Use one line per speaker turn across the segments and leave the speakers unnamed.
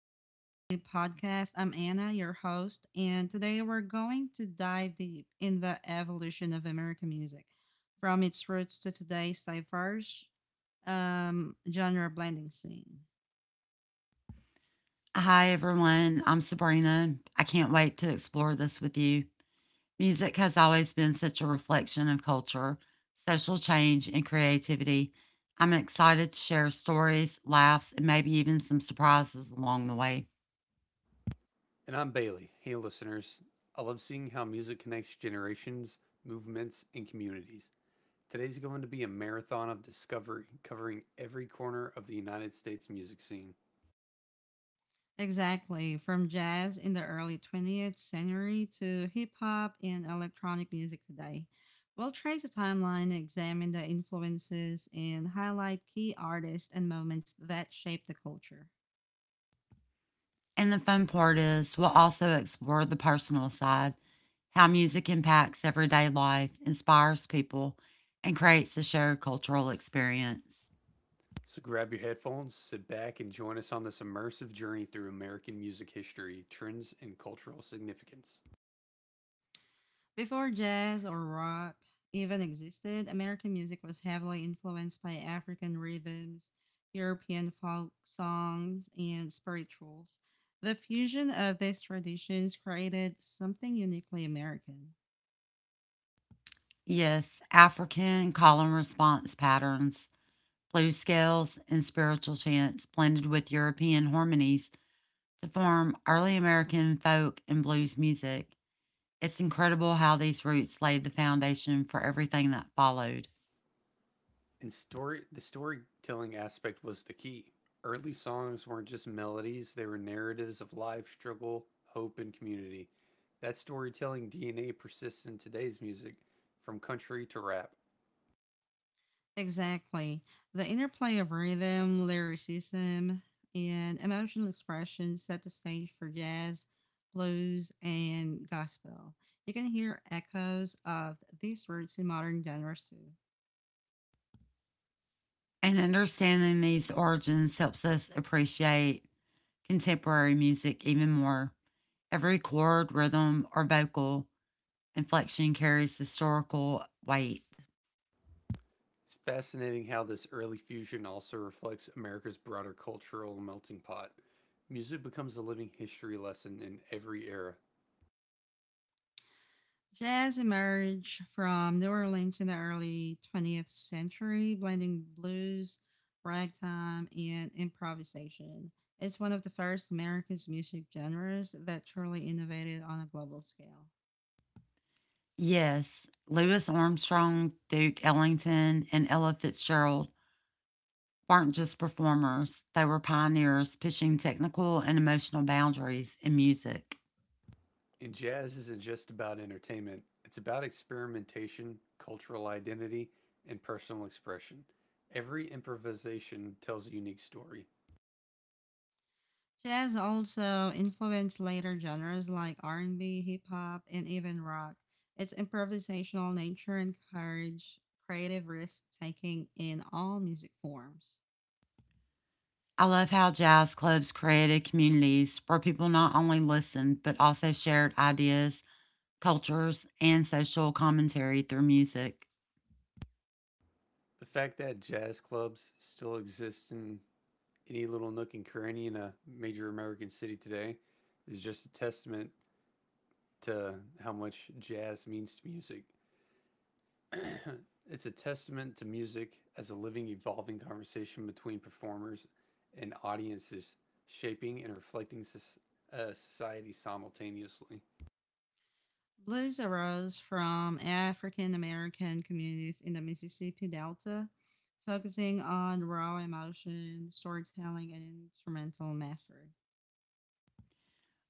Music Journey podcast. I'm Anna, your host, and today we're going to dive deep in the evolution of American music from its roots to today's diverse genre blending scene.
Hi, everyone. I'm Sabrina. I can't wait to explore this with you. Music has always been such a reflection of culture, social change, and creativity. I'm excited to share stories, laughs, and maybe even some surprises along the way.
And I'm Bailey. Hey, listeners. I love seeing how music connects generations, movements, and communities. Today's going to be a marathon of discovery covering every corner of the United States music scene.
Exactly, from jazz in the early 20th century to hip hop and electronic music today. We'll trace a timeline, examine the influences, and highlight key artists and moments that shape the culture.
And the fun part is, we'll also explore the personal side how music impacts everyday life, inspires people, and creates a shared cultural experience.
So grab your headphones, sit back, and join us on this immersive journey through American music history, trends, and cultural significance.
Before jazz or rock even existed, American music was heavily influenced by African rhythms, European folk songs, and spirituals. The fusion of these traditions created something uniquely American.
Yes, African call and response patterns blue scales, and spiritual chants blended with European harmonies to form early American folk and blues music. It's incredible how these roots laid the foundation for everything that followed.
And story the storytelling aspect was the key. Early songs weren't just melodies, they were narratives of life, struggle, hope, and community. That storytelling DNA persists in today's music, from country to rap.
Exactly. The interplay of rhythm, lyricism, and emotional expression set the stage for jazz, blues, and gospel. You can hear echoes of these roots in modern genres too.
And understanding these origins helps us appreciate contemporary music even more. Every chord, rhythm, or vocal inflection carries historical weight.
It's fascinating how this early fusion also reflects America's broader cultural melting pot. Music becomes a living history lesson in every era.
Jazz emerged from New Orleans in the early 20th century, blending blues, ragtime, and improvisation. It's one of the first America's music genres that truly innovated on a global scale.
Yes, Louis Armstrong, Duke Ellington, and Ella Fitzgerald weren't just performers, they were pioneers pushing technical and emotional boundaries in music.
And jazz isn't just about entertainment, it's about experimentation, cultural identity, and personal expression. Every improvisation tells a unique story.
Jazz also influenced later genres like R&B, hip hop, and even rock. Its improvisational nature encouraged creative risk-taking in all music forms.
I love how jazz clubs created communities where people not only listened but also shared ideas, cultures, and social commentary through music.
The fact that jazz clubs still exist in any little nook and cranny in a major American city today is just a testament to how much jazz means to music. It's a testament to music as a living, evolving conversation between performers and audiences, shaping and reflecting society simultaneously.
Blues arose from African American communities in the Mississippi Delta, focusing on raw emotion, storytelling, and instrumental mastery.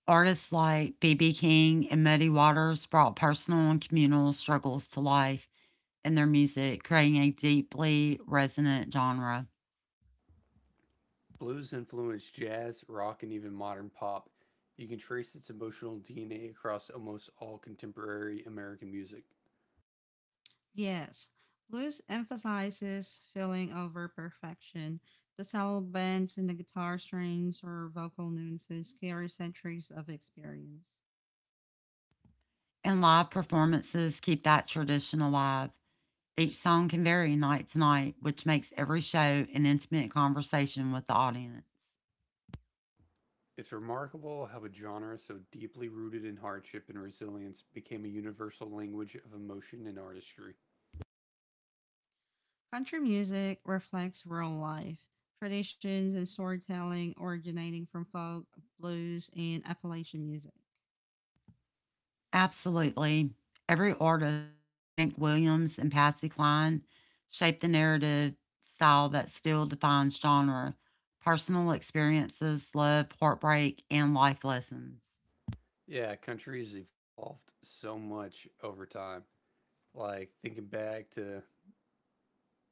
Artists like B.B. King and Muddy Waters brought personal and communal struggles to life in their music, creating a deeply resonant genre.
Blues influenced jazz, rock, and even modern pop. You can trace its emotional DNA across almost all contemporary American music.
Yes, blues emphasizes feeling over perfection. The saddle bends and the guitar strings or vocal nuances carry centuries of experience.
And live performances keep that tradition alive. Each song can vary night to night, which makes every show an intimate conversation with the audience.
It's remarkable how a genre so deeply rooted in hardship and resilience became a universal language of emotion and artistry.
Country music reflects real life traditions and storytelling originating from folk, blues, and Appalachian music.
Absolutely. Every artist like Hank Williams and Patsy Cline shaped the narrative style that still defines genre, personal experiences, love, heartbreak, and life lessons.
Yeah, country has evolved so much over time, like thinking back to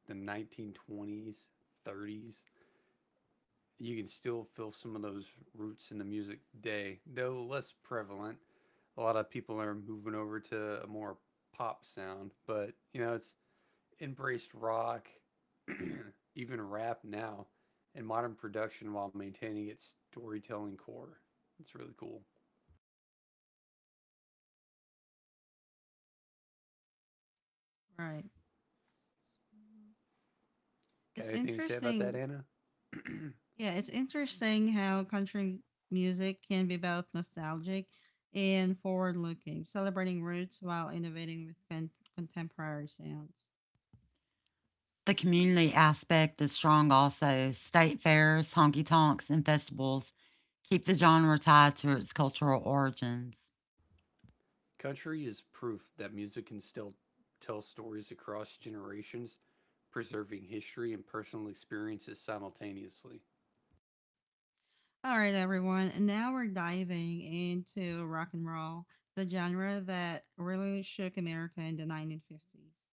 the 1920s, 30s, you can still feel some of those roots in the music today, though less prevalent. A lot of people are moving over to a more pop sound, but you know, it's embraced rock, even rap now, and modern production while maintaining its storytelling core. It's really cool.
Right. Mhm.
Got
It's
anything to say about that,
interesting.
Anna?
Yeah, it's interesting how country music can be both nostalgic and forward looking, celebrating roots while innovating with contemporary sounds.
The community aspect is strong also. State fairs, honky tonks, and festivals keep the genre tied to its cultural origins.
Country is proof that music can still tell stories across generations, preserving history and personal experiences simultaneously.
All right, everyone. And now we're diving into rock and roll, the genre that really shook America in the 1950s.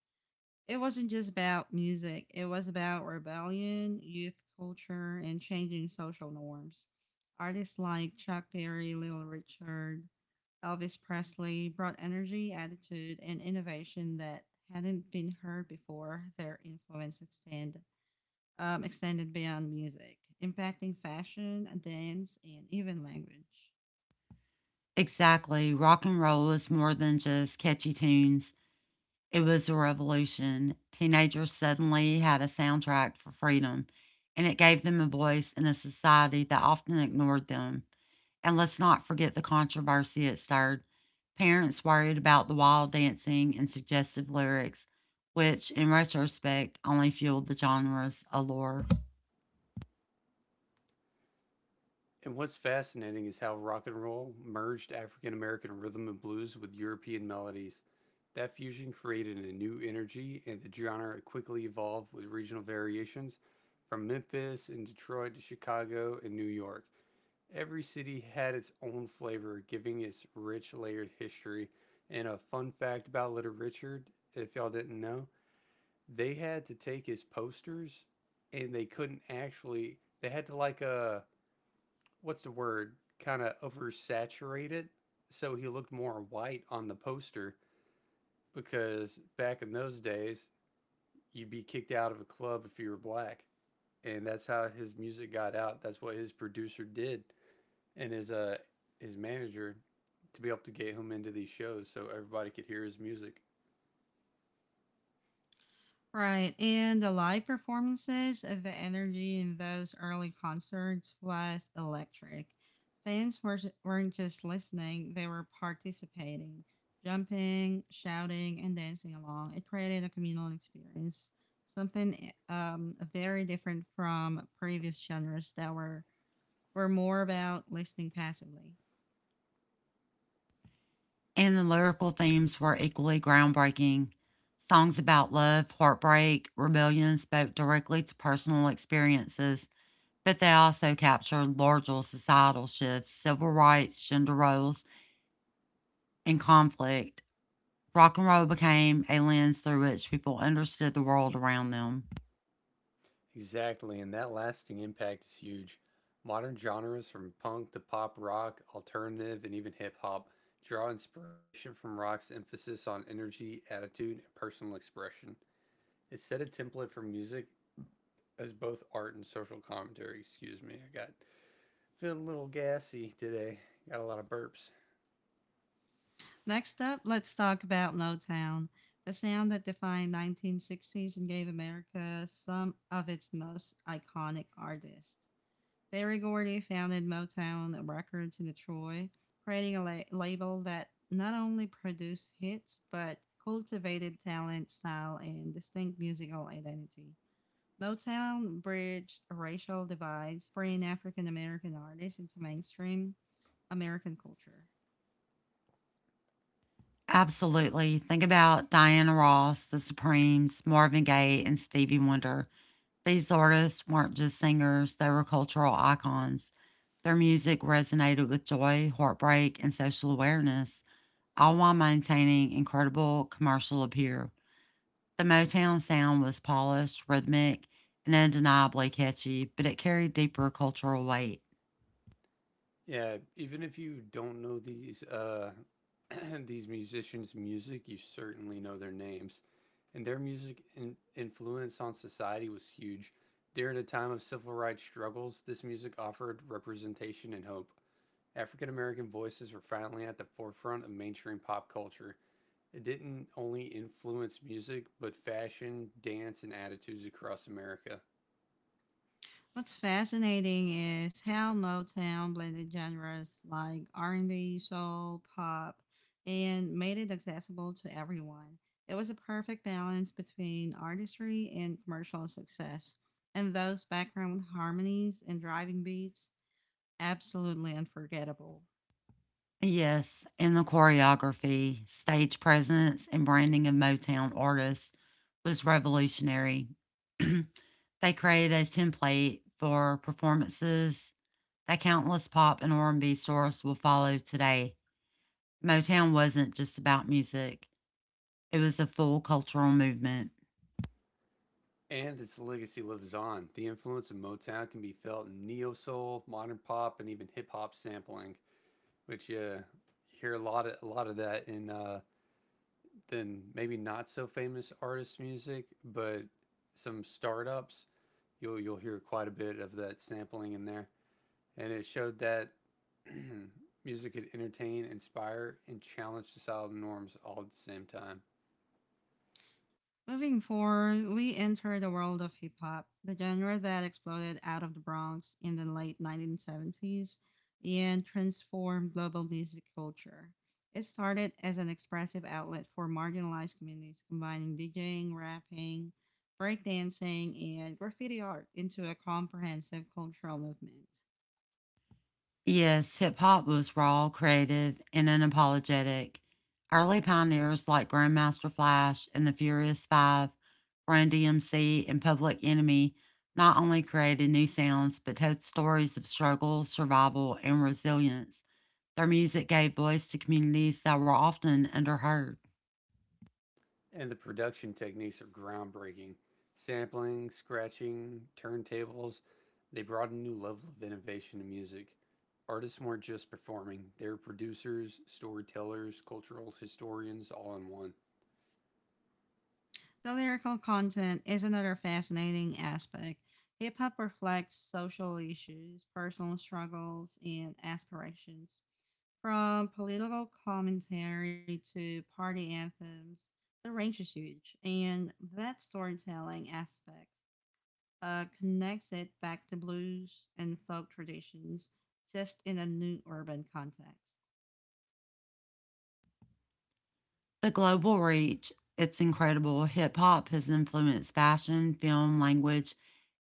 It wasn't just about music. It was about rebellion, youth culture, and changing social norms. Artists like Chuck Berry, Little Richard, Elvis Presley brought energy, attitude, and innovation that hadn't been heard before. Their influence extended beyond music, impacting fashion, dance, and even language.
Exactly. Rock and roll is more than just catchy tunes. It was a revolution. Teenagers suddenly had a soundtrack for freedom, and it gave them a voice in a society that often ignored them. And let's not forget the controversy it stirred. Parents worried about the wild dancing and suggestive lyrics, which in retrospect only fueled the genre's allure.
And what's fascinating is how rock and roll merged African American rhythm and blues with European melodies. That fusion created a new energy, and the genre quickly evolved with regional variations from Memphis and Detroit to Chicago and New York. Every city had its own flavor, giving its rich, layered history. And a fun fact about Little Richard, if y'all didn't know, they had to take his posters and they couldn't actually, they had to what's the word, kind of oversaturate it. So he looked more white on the poster because back in those days, you'd be kicked out of a club if you were black. And that's how his music got out. That's what his producer did and his his manager to be able to get him into these shows so everybody could hear his music.
Right. And the live performances of the energy in those early concerts was electric. Weren't just listening, they were participating, jumping, shouting, and dancing along. It created a communal experience, something very different from previous genres that were more about listening passively.
And the lyrical themes were equally groundbreaking. Songs about love, heartbreak, rebellion spoke directly to personal experiences, but they also captured larger societal shifts, civil rights, gender roles, and conflict. Rock and roll became a lens through which people understood the world around them.
Exactly, and that lasting impact is huge. Modern genres from punk to pop rock, alternative, and even hip hop draw inspiration from rock's emphasis on energy, attitude, and personal expression. It set a template for music as both art and social commentary. Excuse me, I got feeling a little gassy today. Got a lot of burps.
Next up, let's talk about Motown, the sound that defined 1960s and gave America some of its most iconic artists. Berry Gordy founded Motown Records in Detroit, creating label that not only produced hits but cultivated talent, style, and distinct musical identity. Motown bridged racial divides, bringing African American artists into mainstream American culture.
Absolutely. Think about Diana Ross, The Supremes, Marvin Gaye, and Stevie Wonder. These artists weren't just singers, they were cultural icons. Their music resonated with joy, heartbreak, and social awareness, all while maintaining incredible commercial appeal. The Motown sound was polished, rhythmic, and undeniably catchy, but it carried deeper cultural weight.
Yeah, even if you don't know these these musicians' music, you certainly know their names. And their music influence on society was huge. During a time of civil rights struggles, this music offered representation and hope. African American voices were finally at the forefront of mainstream pop culture. It didn't only influence music, but fashion, dance, and attitudes across America.
What's fascinating is how Motown blended genres like R&B, soul, pop, and made it accessible to everyone. It was a perfect balance between artistry and commercial success, and those background harmonies and driving beats, absolutely unforgettable.
Yes, and the choreography, stage presence, and branding of Motown artists was revolutionary. They created a template for performances that countless pop and R&B stars will follow today. Motown wasn't just about music. It was a full cultural movement.
And its legacy lives on. The influence of Motown can be felt in neo soul, modern pop, and even hip hop sampling, which you hear a lot of that in then maybe not so famous artists' music, but some startups you'll hear quite a bit of that sampling in there. And it showed that music could entertain, inspire, and challenge societal norms all at the same time.
Moving forward, we enter the world of hip hop, the genre that exploded out of the Bronx in the late 1970s and transformed global music culture. It started as an expressive outlet for marginalized communities, combining DJing, rapping, breakdancing, and graffiti art into a comprehensive cultural movement.
Yes, hip hop was raw, creative, and unapologetic. Early pioneers like Grandmaster Flash and the Furious Five, Run DMC, and Public Enemy not only created new sounds, but told stories of struggle, survival, and resilience. Their music gave voice to communities that were often underheard.
And the production techniques are groundbreaking. Sampling, scratching, turntables, they brought a new level of innovation to music. Artists weren't just performing, they were producers, storytellers, cultural historians, all in one.
The lyrical content is another fascinating aspect. Hip hop reflects social issues, personal struggles, and aspirations. From political commentary to party anthems, the range is huge, and that storytelling aspect connects it back to blues and folk traditions, just in a new urban context.
The global reach, it's incredible. Hip hop has influenced fashion, film, language,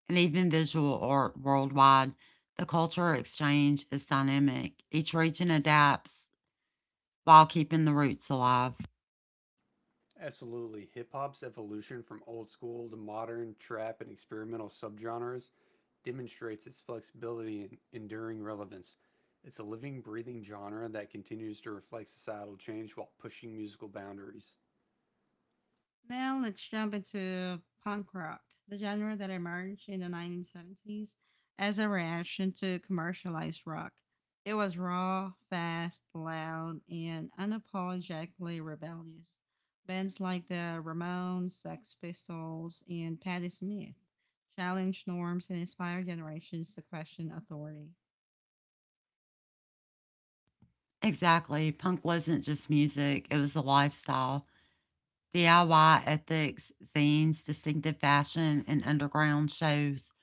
and even visual art worldwide. The culture exchange is dynamic. Each region adapts while keeping the roots alive.
Absolutely. Hip hop's evolution from old school to modern, trap, and experimental subgenres demonstrates its flexibility and enduring relevance. It's a living, breathing genre that continues to reflect societal change while pushing musical boundaries.
Now let's jump into punk rock, the genre that emerged in the 1970s as a reaction to commercialized rock. It was raw, fast, loud, and unapologetically rebellious. Bands like the Ramones, Sex Pistols, and Patti Smith challenged norms and inspired generations to question authority.
Exactly. Punk wasn't just music, it was a lifestyle. DIY ethics, zines, distinctive fashion, and underground shows.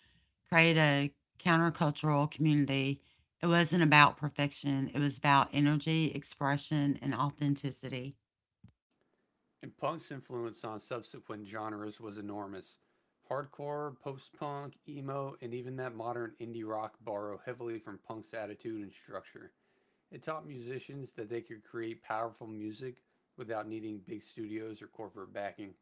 Create a countercultural community. It wasn't about perfection, it was about energy, expression, and authenticity.
And punk's influence on subsequent genres was enormous. Hardcore, post punk, emo, and even that modern indie rock borrow heavily from punk's attitude and structure. It taught musicians that they could create powerful music without needing big studios or corporate backing.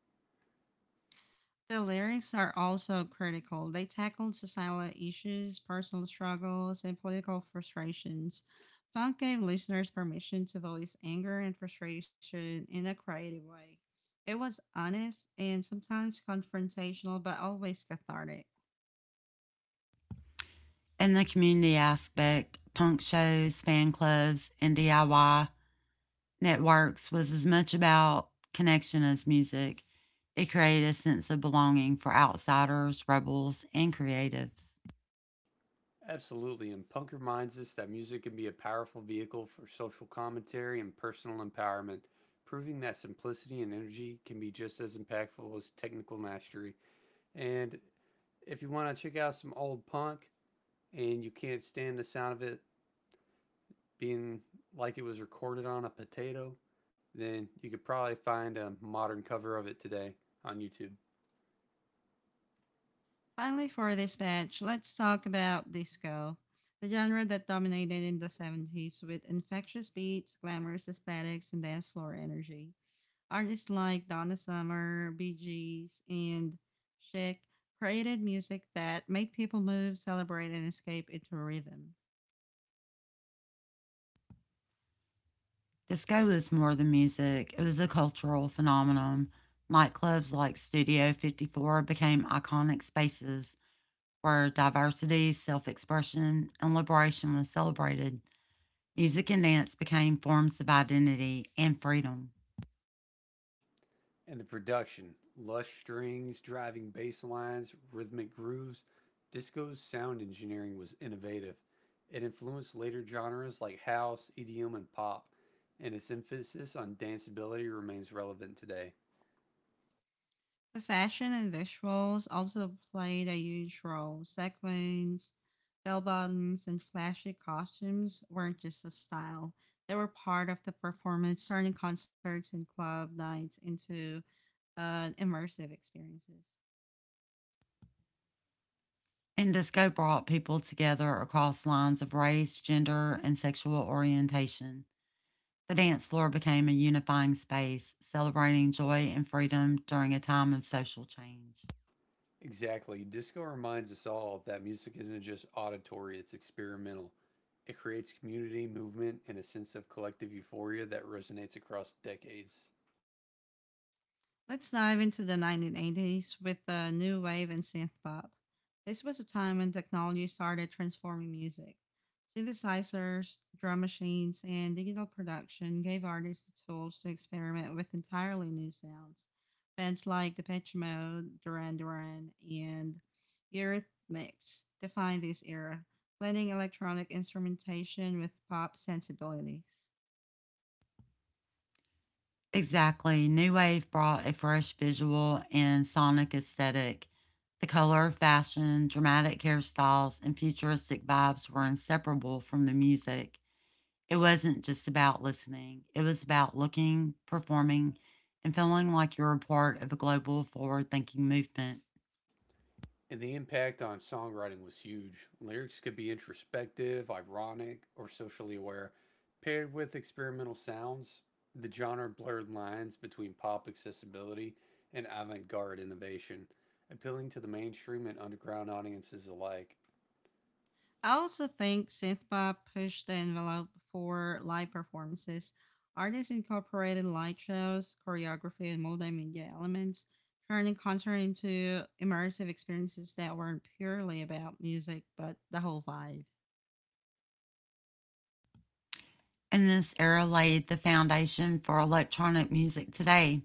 The lyrics are also critical. They tackled societal issues, personal struggles, and political frustrations. Punk gave listeners permission to voice anger and frustration in a creative way. It was honest and sometimes confrontational, but always cathartic.
And the community aspect, punk shows, fan clubs, and DIY networks was as much about connection as music. It created a sense of belonging for outsiders, rebels, and creatives.
Absolutely, and punk reminds us that music can be a powerful vehicle for social commentary and personal empowerment, proving that simplicity and energy can be just as impactful as technical mastery. And if you want to check out some old punk and you can't stand the sound of it being like it was recorded on a potato, then you could probably find a modern cover of it today on YouTube.
Finally, for this batch, let's talk about disco, the genre that dominated in the 70s with infectious beats, glamorous aesthetics, and dance floor energy. Artists like Donna Summer, Bee Gees, and Chic created music that made people move, celebrate, and escape into rhythm.
Disco was more than music, it was a cultural phenomenon. Nightclubs like Studio 54 became iconic spaces where diversity, self expression, and liberation was celebrated. Music and dance became forms of identity and freedom.
And the production lush strings, driving bass lines, rhythmic grooves. Disco's sound engineering was innovative. It influenced later genres like house, EDM, and pop, and its emphasis on danceability remains relevant today.
The fashion and visuals also played a huge role. Sequins, bell bottoms, and flashy costumes weren't just a style, they were part of the performance, turning concerts and club nights into immersive experiences.
And disco brought people together across lines of race, gender, and sexual orientation. The dance floor became a unifying space, celebrating joy and freedom during a time of social change.
Exactly. Disco reminds us all that music isn't just auditory, it's experimental. It creates community, movement, and a sense of collective euphoria that resonates across decades.
Let's dive into the 1980s with the new wave and synth pop. This was a time when technology started transforming music. Synthesizers, drum machines, and digital production gave artists the tools to experiment with entirely new sounds. Bands like Depeche Mode, Duran Duran, and Eurythmics defined this era, blending electronic instrumentation with pop sensibilities.
Exactly. New Wave brought a fresh visual and sonic aesthetic. The color of fashion, dramatic hairstyles, and futuristic vibes were inseparable from the music. It wasn't just about listening, it was about looking, performing, and feeling like you were part of a global forward thinking movement.
And the impact on songwriting was huge. Lyrics could be introspective, ironic, or socially aware. Paired with experimental sounds, the genre blurred lines between pop accessibility and avant garde innovation, appealing to the mainstream and underground audiences alike.
I also think synthpop pushed the envelope for live performances. Artists incorporated light shows, choreography, and multimedia elements, turning concert into immersive experiences that weren't purely about music but the whole vibe.
And this era laid the foundation for electronic music today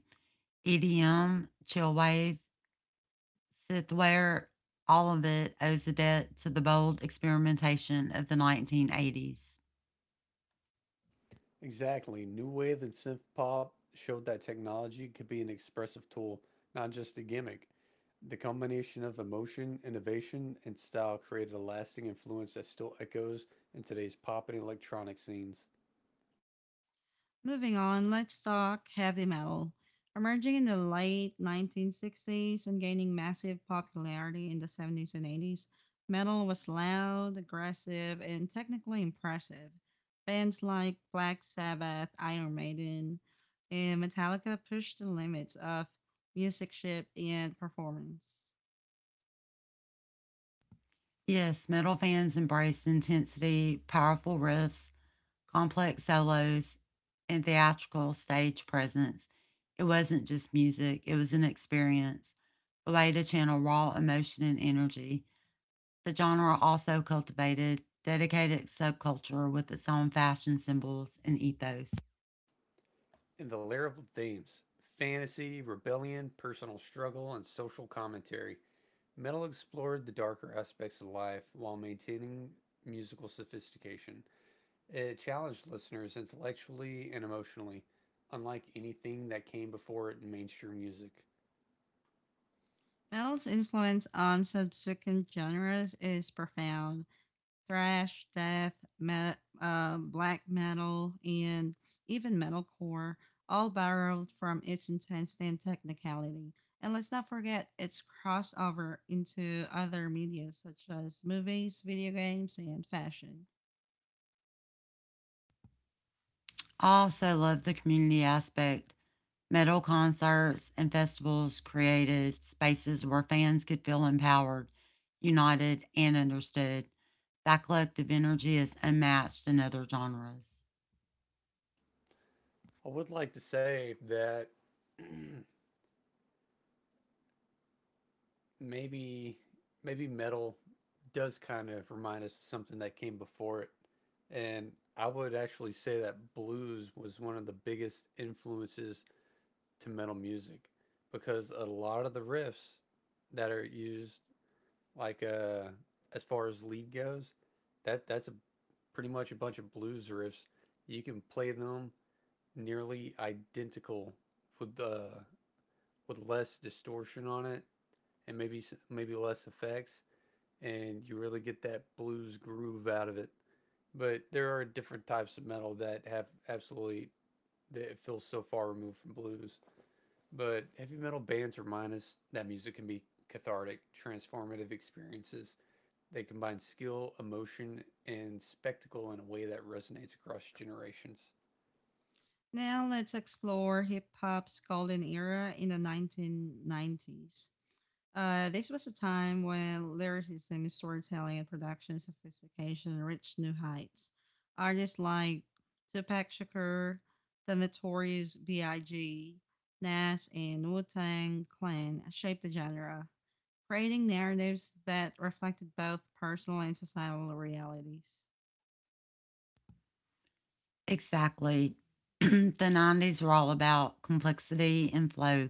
EDM, chillwave, Sith ware, all of it, owes a debt to the bold experimentation of the 1980s.
Exactly. New Wave and synth pop showed that technology could be an expressive tool, not just a gimmick. The combination of emotion, innovation, and style created a lasting influence that still echoes in today's pop and electronic scenes.
Moving on, let's talk heavy metal. Emerging in the late 1960s and gaining massive popularity in the 70s and 80s, metal was loud, aggressive, and technically impressive. Bands like Black Sabbath, Iron Maiden, and Metallica pushed the limits of music ship and performance.
Yes, metal fans embraced intensity, powerful riffs, complex solos, and theatrical stage presence. It wasn't just music, it was an experience, a way to channel raw emotion and energy. The genre also cultivated dedicated subculture with its own fashion symbols and ethos.
And the lyrical themes fantasy, rebellion, personal struggle, and social commentary. Metal explored the darker aspects of life while maintaining musical sophistication. It challenged listeners intellectually and emotionally, unlike anything that came before it in mainstream music.
Metal's influence on subsequent genres is profound, thrash, death, black metal, and even metalcore, all borrowed from its intensity and technicality. And let's not forget its crossover into other media such as movies, video games, and fashion.
I also love the community aspect. Metal concerts and festivals created spaces where fans could feel empowered, united, and understood. That collective energy is unmatched in other genres.
I would like to say that maybe maybe metal does kind of remind us of something that came before it. And I would actually say that blues was one of the biggest influences to metal music because a lot of the riffs that are used, like as far as lead goes, that's a pretty much a bunch of blues riffs. You can play them nearly identical with the with less distortion on it and maybe less effects, and you really get that blues groove out of it. But there are different types of metal that have absolutely that it feels so far removed from blues. But heavy metal bands remind us that music can be cathartic, transformative experiences, they combine skill, emotion, and spectacle in a way that resonates across generations.
Now let's explore hip hop's golden era in the 1990s. This was a time when lyricism, storytelling, and production sophistication reached new heights. Artists like Tupac Shakur, the notorious B.I.G., Nas, and Wu Tang Clan shaped the genre, creating narratives that reflected both personal and societal realities.
Exactly. The 90s were all about complexity and flow,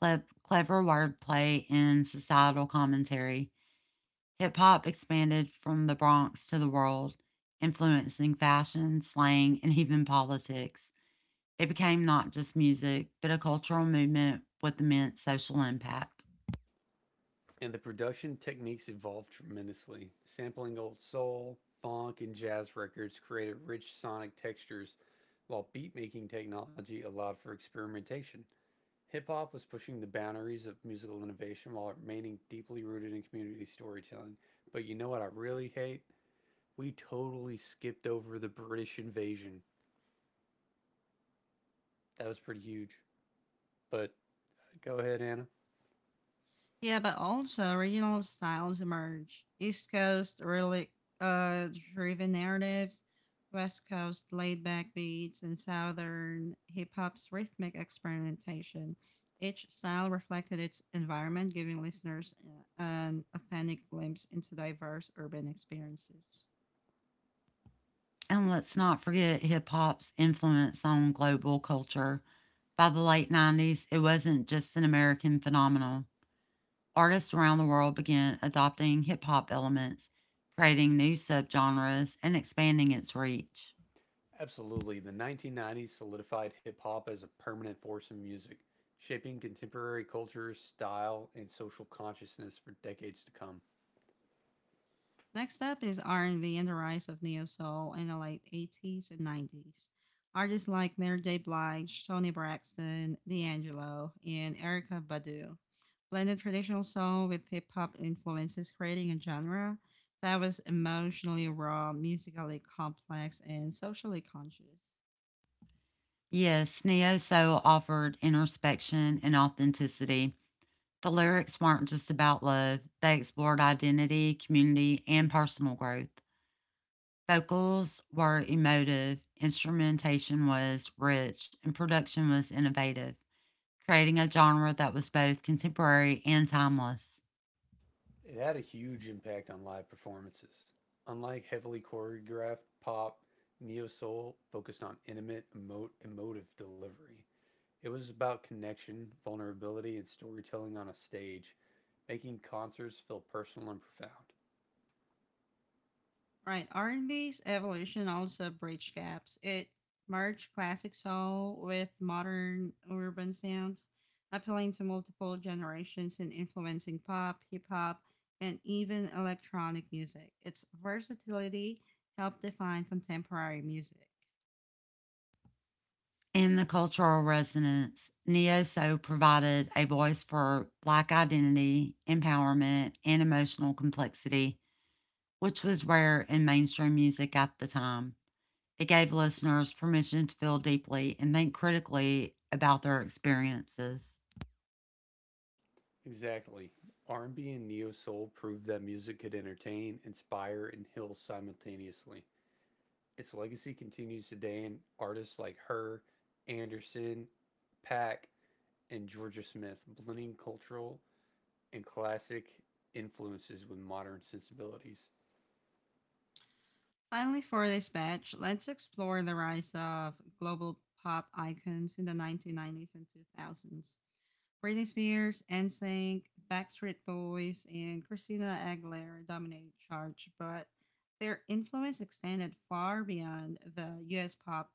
clever wordplay, and societal commentary. Hip hop expanded from the Bronx to the world, influencing fashion, slang, and even politics. It became not just music, but a cultural movement with immense social impact.
And the production techniques evolved tremendously. Sampling old soul, funk, and jazz records created rich sonic textures, while beatmaking technology allowed for experimentation. Hip hop was pushing the boundaries of musical innovation while remaining deeply rooted in community storytelling. But you know what I really hate? We totally skipped over the British invasion. That was pretty huge. But go ahead, Anna.
Yeah, but also regional styles emerge. East Coast really uh, driven narratives, West Coast laid back beats, and Southern hip hop's rhythmic experimentation. Each style reflected its environment, giving listeners an authentic glimpse into diverse urban experiences.
And let's not forget hip hop's influence on global culture. By the late 90s, it wasn't just an American phenomenon. Artists around the world began adopting hip hop elements, creating new subgenres, and expanding its reach.
Absolutely. The 1990s solidified hip hop as a permanent force in music, shaping contemporary culture, style, and social consciousness for decades to come.
Next up is R&B and B and the rise of neo soul in the late 80s and 90s. Artists like Mary J. Blige, Tony Braxton, D'Angelo, and Erica Badu blended traditional soul with hip hop influences, creating a genre that was emotionally raw, musically complex, and socially conscious.
Yes, Neo Soul offered introspection and authenticity. The lyrics weren't just about love, they explored identity, community, and personal growth. Vocals were emotive, instrumentation was rich, and production was innovative, creating a genre that was both contemporary and timeless.
It had a huge impact on live performances. Unlike heavily choreographed pop, neo soul focused on intimate, emotive delivery. It was about connection, vulnerability, and storytelling on a stage, making concerts feel personal and profound.
Right, R&B's evolution also bridged gaps. It merged classic soul with modern urban sounds, appealing to multiple generations and influencing pop, hip hop, and even electronic music. Its versatility helped define contemporary music.
In the cultural resonance, Neo Soul provided a voice for Black identity, empowerment, and emotional complexity, which was rare in mainstream music at the time. It gave listeners permission to feel deeply and think critically about their experiences.
Exactly. R&B and neo soul proved that music could entertain, inspire, and heal simultaneously. Its legacy continues today, and artists like her, Anderson, Pack, and Georgia Smith blending cultural and classic influences with modern sensibilities.
Finally, for this batch, let's explore the rise of global pop icons in the 1990s and 2000s. Britney Spears, NSYNC, Backstreet Boys, and Christina Aguilera dominated charts, but their influence extended far beyond the US pop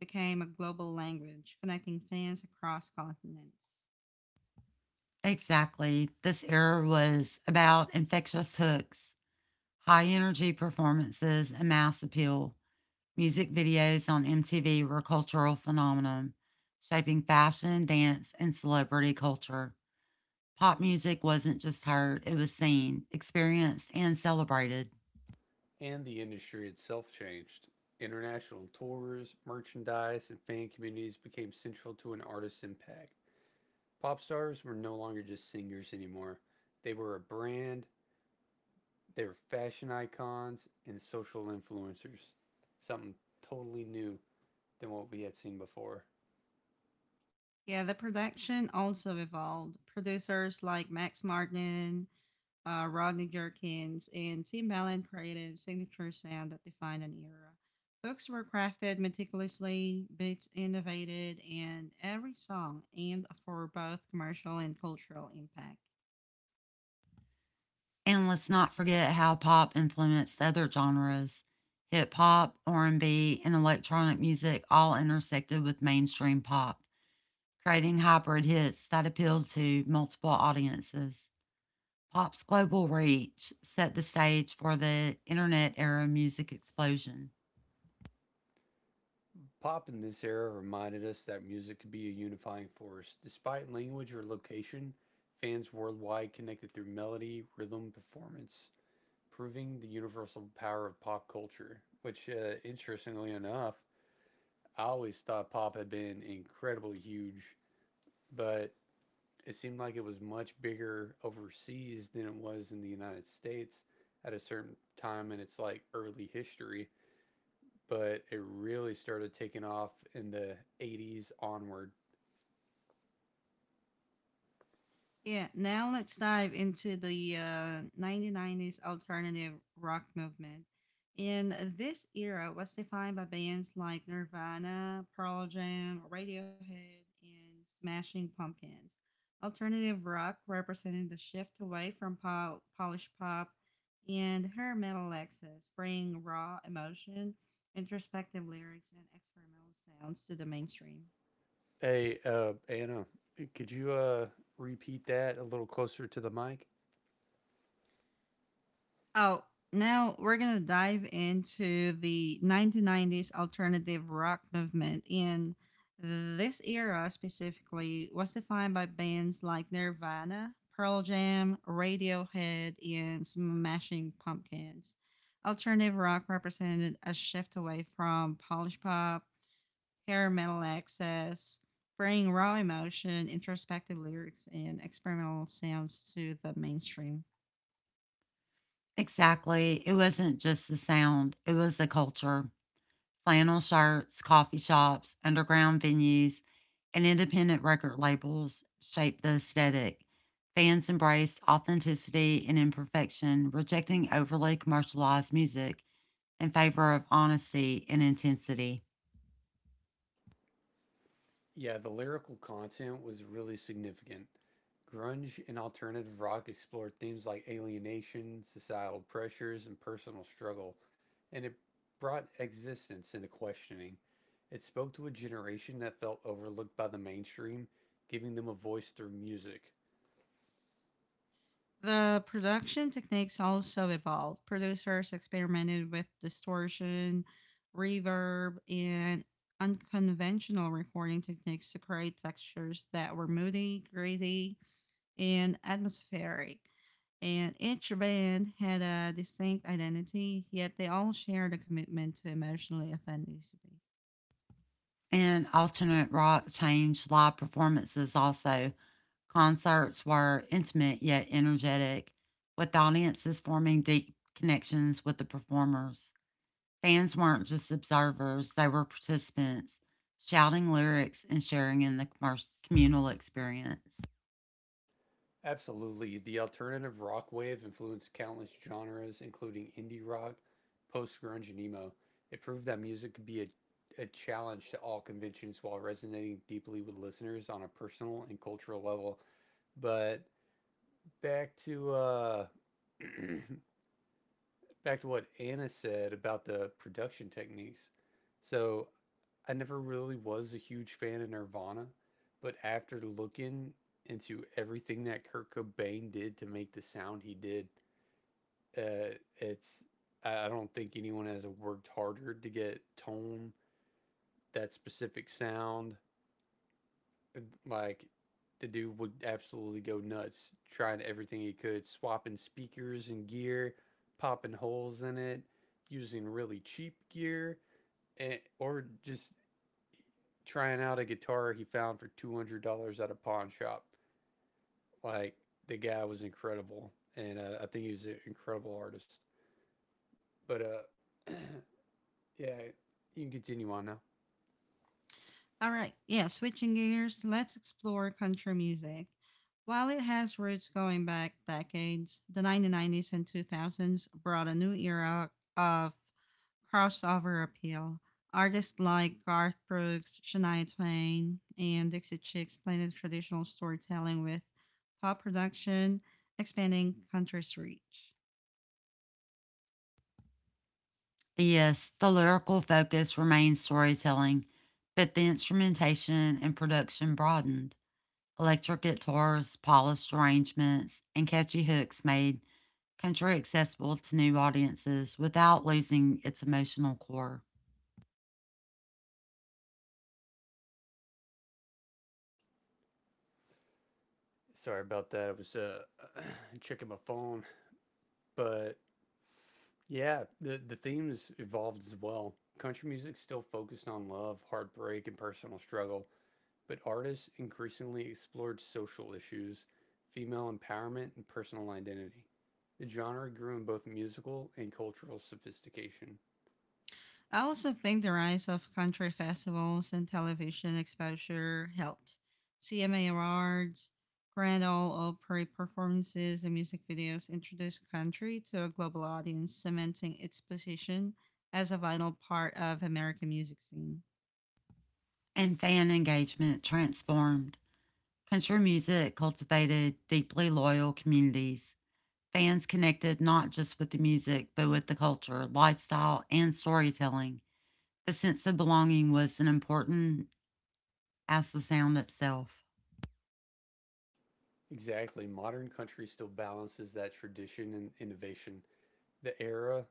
became a global language, connecting fans across continents.
Exactly. This era was about infectious hooks, high energy performances, and mass appeal. Music videos on MTV were a cultural phenomenon, shaping fashion, dance, and celebrity culture. Pop music wasn't just heard, it was seen, experienced, and celebrated.
And the industry itself changed. International tours, merchandise, and fan communities became central to an artist's impact. Pop stars were no longer just singers anymore. They were a brand, they were fashion icons and social influencers. Something totally new than what we had seen before.
Yeah, the production also evolved. Producers like Max Martin, Rodney Jerkins, and Tim Allen creative signature sound that defined an era. Books were crafted meticulously, beats innovated, and every song aimed for both commercial and cultural impact.
And let's not forget how pop influenced other genres. Hip hop, R&B, and B, and electronic music all intersected with mainstream pop creating hybrid hits that appealed to multiple audiences. Pop's global reach set the stage for the internet era music explosion.
Pop in this era reminded us that music could be a unifying force. Despite language or location, fans worldwide connected through melody, rhythm, performance, proving the universal power of pop culture. Which, interestingly enough, I always thought pop had been incredibly huge, but it seemed like it was much bigger overseas than it was in the United States at a certain time in its like early history, but it really started taking off in the 80s onward.
Yeah, now let's dive into the 1990s alternative rock movement. And this era was defined by bands like Nirvana, Pearl Jam, Radiohead, and Smashing Pumpkins. Alternative rock represented the shift away from polished pop and hair metal access, bringing raw emotion, introspective lyrics, and experimental sounds to the mainstream.
Hey, Anna, could you repeat that a little closer to the mic?
Oh, now we're going to dive into the 1990s alternative rock movement. And this era specifically was defined by bands like Nirvana, Pearl Jam, Radiohead, and Smashing Pumpkins. Alternative rock represented a shift away from polished pop, hair metal access, bringing raw emotion, introspective lyrics, and experimental sounds to the mainstream.
Exactly. It wasn't just the sound, it was the culture. Flannel shirts, coffee shops, underground venues, and independent record labels shaped the aesthetic. Fans embraced authenticity and imperfection, rejecting overly commercialized music in favor of honesty and intensity.
Yeah, the lyrical content was really significant. Grunge and alternative rock explored themes like alienation, societal pressures, and personal struggle, and it brought existence into questioning. It spoke to a generation that felt overlooked by the mainstream, giving them a voice through music.
The production techniques also evolved. Producers experimented with distortion, reverb, and unconventional recording techniques to create textures that were moody, gritty, and atmospheric. And each band had a distinct identity, yet they all shared a commitment to emotional authenticity.
And alternate rock changed live performances also. Concerts were intimate yet energetic, with audiences forming deep connections with the performers. Fans weren't just observers, they were participants, shouting lyrics and sharing in the communal experience.
Absolutely. The alternative rock wave influenced countless genres, including indie rock, post grunge, and emo. It proved that music could be a challenge to all conventions while resonating deeply with listeners on a personal and cultural level. But back to back to what Anna said about the production techniques. So I never really was a huge fan of Nirvana, but after looking into everything that Kurt Cobain did to make the sound he did, uh, it's I don't think anyone has worked harder to get tone that specific sound, like the dude would absolutely go nuts trying everything he could, swapping speakers and gear, popping holes in it, using really cheap gear, or just trying out a guitar he found for $200 at a pawn shop. Like the guy was incredible, and I think he's an incredible artist. But yeah, you can continue on now.
All right. Yeah, switching gears, let's explore country music. While it has roots going back decades, the 1990s and 2000s brought a new era of crossover appeal. Artists like Garth Brooks, Shania Twain, and Dixie Chicks blended traditional storytelling with pop production, expanding country's reach.
Yes, the lyrical focus remained storytelling, but the instrumentation and production broadened. Electric guitars, polished arrangements, and catchy hooks made country accessible to new audiences without losing its emotional core.
Sorry about that. I was checking my phone, but yeah, the themes evolved as well. Country music still focused on love, heartbreak, and personal struggle, but artists increasingly explored social issues, female empowerment, and personal identity. The genre grew in both musical and cultural sophistication.
I also think the rise of country festivals and television exposure helped. CMA Awards, Grand Ole Opry performances, and music videos introduced country to a global audience, cementing its position as a vital part of American music scene.
And fan engagement transformed. Country music cultivated deeply loyal communities. Fans connected not just with the music, but with the culture, lifestyle, and storytelling. The sense of belonging was as important as the sound itself.
Exactly, modern country still balances that tradition and innovation. The era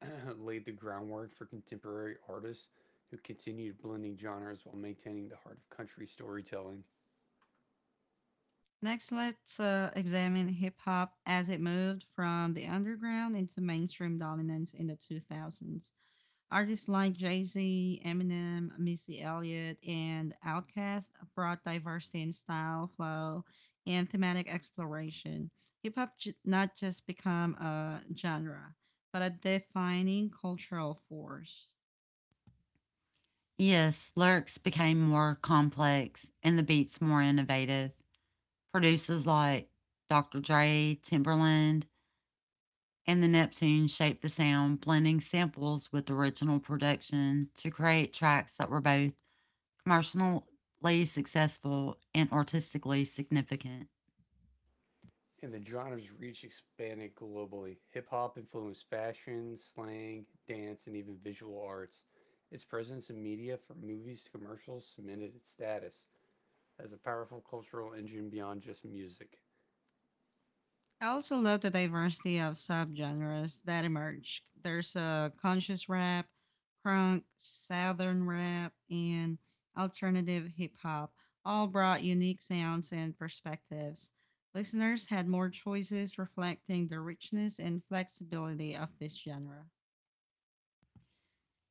laid the groundwork for contemporary artists who continued blending genres while maintaining the heart of country storytelling.
Next, let's examine hip hop as it moved from the underground into mainstream dominance in the 2000s. Artists like Jay Z, Eminem, Missy Elliott, and Outkast brought diversity in style, flow, and thematic exploration. Hip hop not just become a genre, but a defining cultural force.
Yes, lyrics became more complex and the beats more innovative. Producers like Dr. Dre, Timberland, and the Neptune shaped the sound, blending samples with original production to create tracks that were both commercially successful and artistically significant.
And the genre's reach expanded globally. Hip hop influenced fashion, slang, dance, and even visual arts. Its presence in media from movies to commercials cemented its status as a powerful cultural engine beyond just music.
I also love the diversity of subgenres that emerge. There's a conscious rap, crunk, southern rap, and alternative hip hop, all brought unique sounds and perspectives. Listeners had more choices reflecting the richness and flexibility of this genre.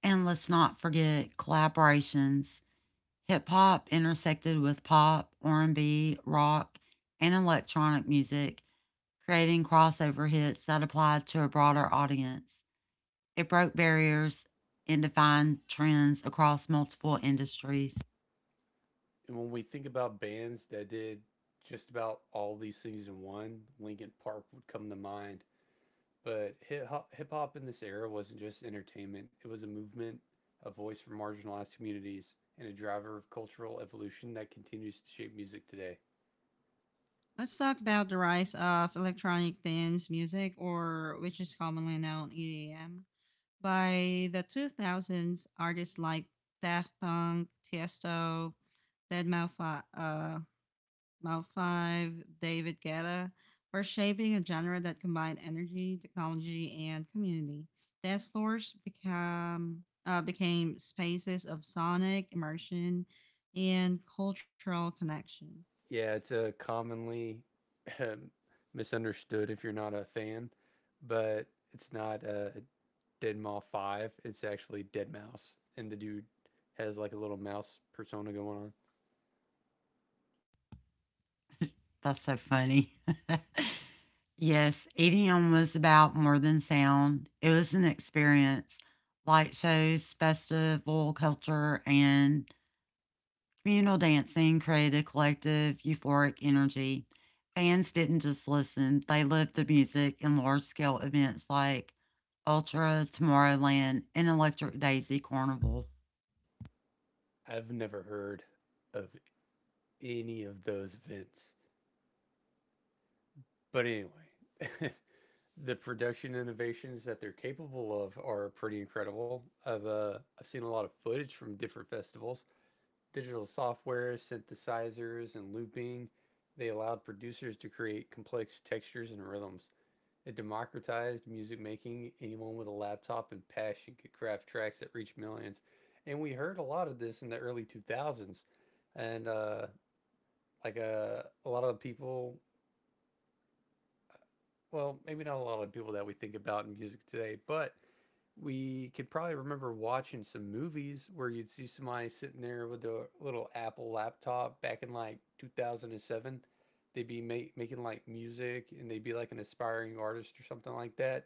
And let's not forget collaborations. Hip hop intersected with pop, R&B, rock, and electronic music, creating crossover hits that applied to a broader audience. It broke barriers and defined trends across multiple industries.
And when we think about bands that did just about all these things in one, Linkin Park would come to mind. But hip hop in this era wasn't just entertainment, it was a movement, a voice for marginalized communities, and a driver of cultural evolution that continues to shape music today.
Let's talk about the rise of electronic dance music, or which is commonly known EDM. By the 2000s, artists like Daft Punk, Tiesto, deadmau Malfi, Mal5, David Guetta were shaping a genre that combined energy, technology, and community. Dance floors became became spaces of sonic immersion and cultural connection.
Yeah, it's a commonly misunderstood if you're not a fan, but it's not a Deadmau 5, it's actually Dead Mouse. And the dude has like a little mouse persona going on.
That's so funny. Yes, EDM was about more than sound. It was an experience. Light shows, festival culture, and communal dancing created collective euphoric energy. Fans didn't just listen, they lived the music in large scale events like Ultra, Tomorrowland, and Electric Daisy Carnival.
I've never heard of any of those events. But anyway, the production innovations that they're capable of are pretty incredible. I've seen a lot of footage from different festivals. Digital software, synthesizers, and looping. They allowed producers to create complex textures and rhythms. It democratized music making. Anyone with a laptop and passion could craft tracks that reach millions. And we heard a lot of this in the early 2000s. And a lot of people, well, maybe not a lot of people that we think about in music today, but we could probably remember watching some movies where you'd see somebody sitting there with a little Apple laptop back in like 2007. They'd be making like music and they'd be like an aspiring artist or something like that.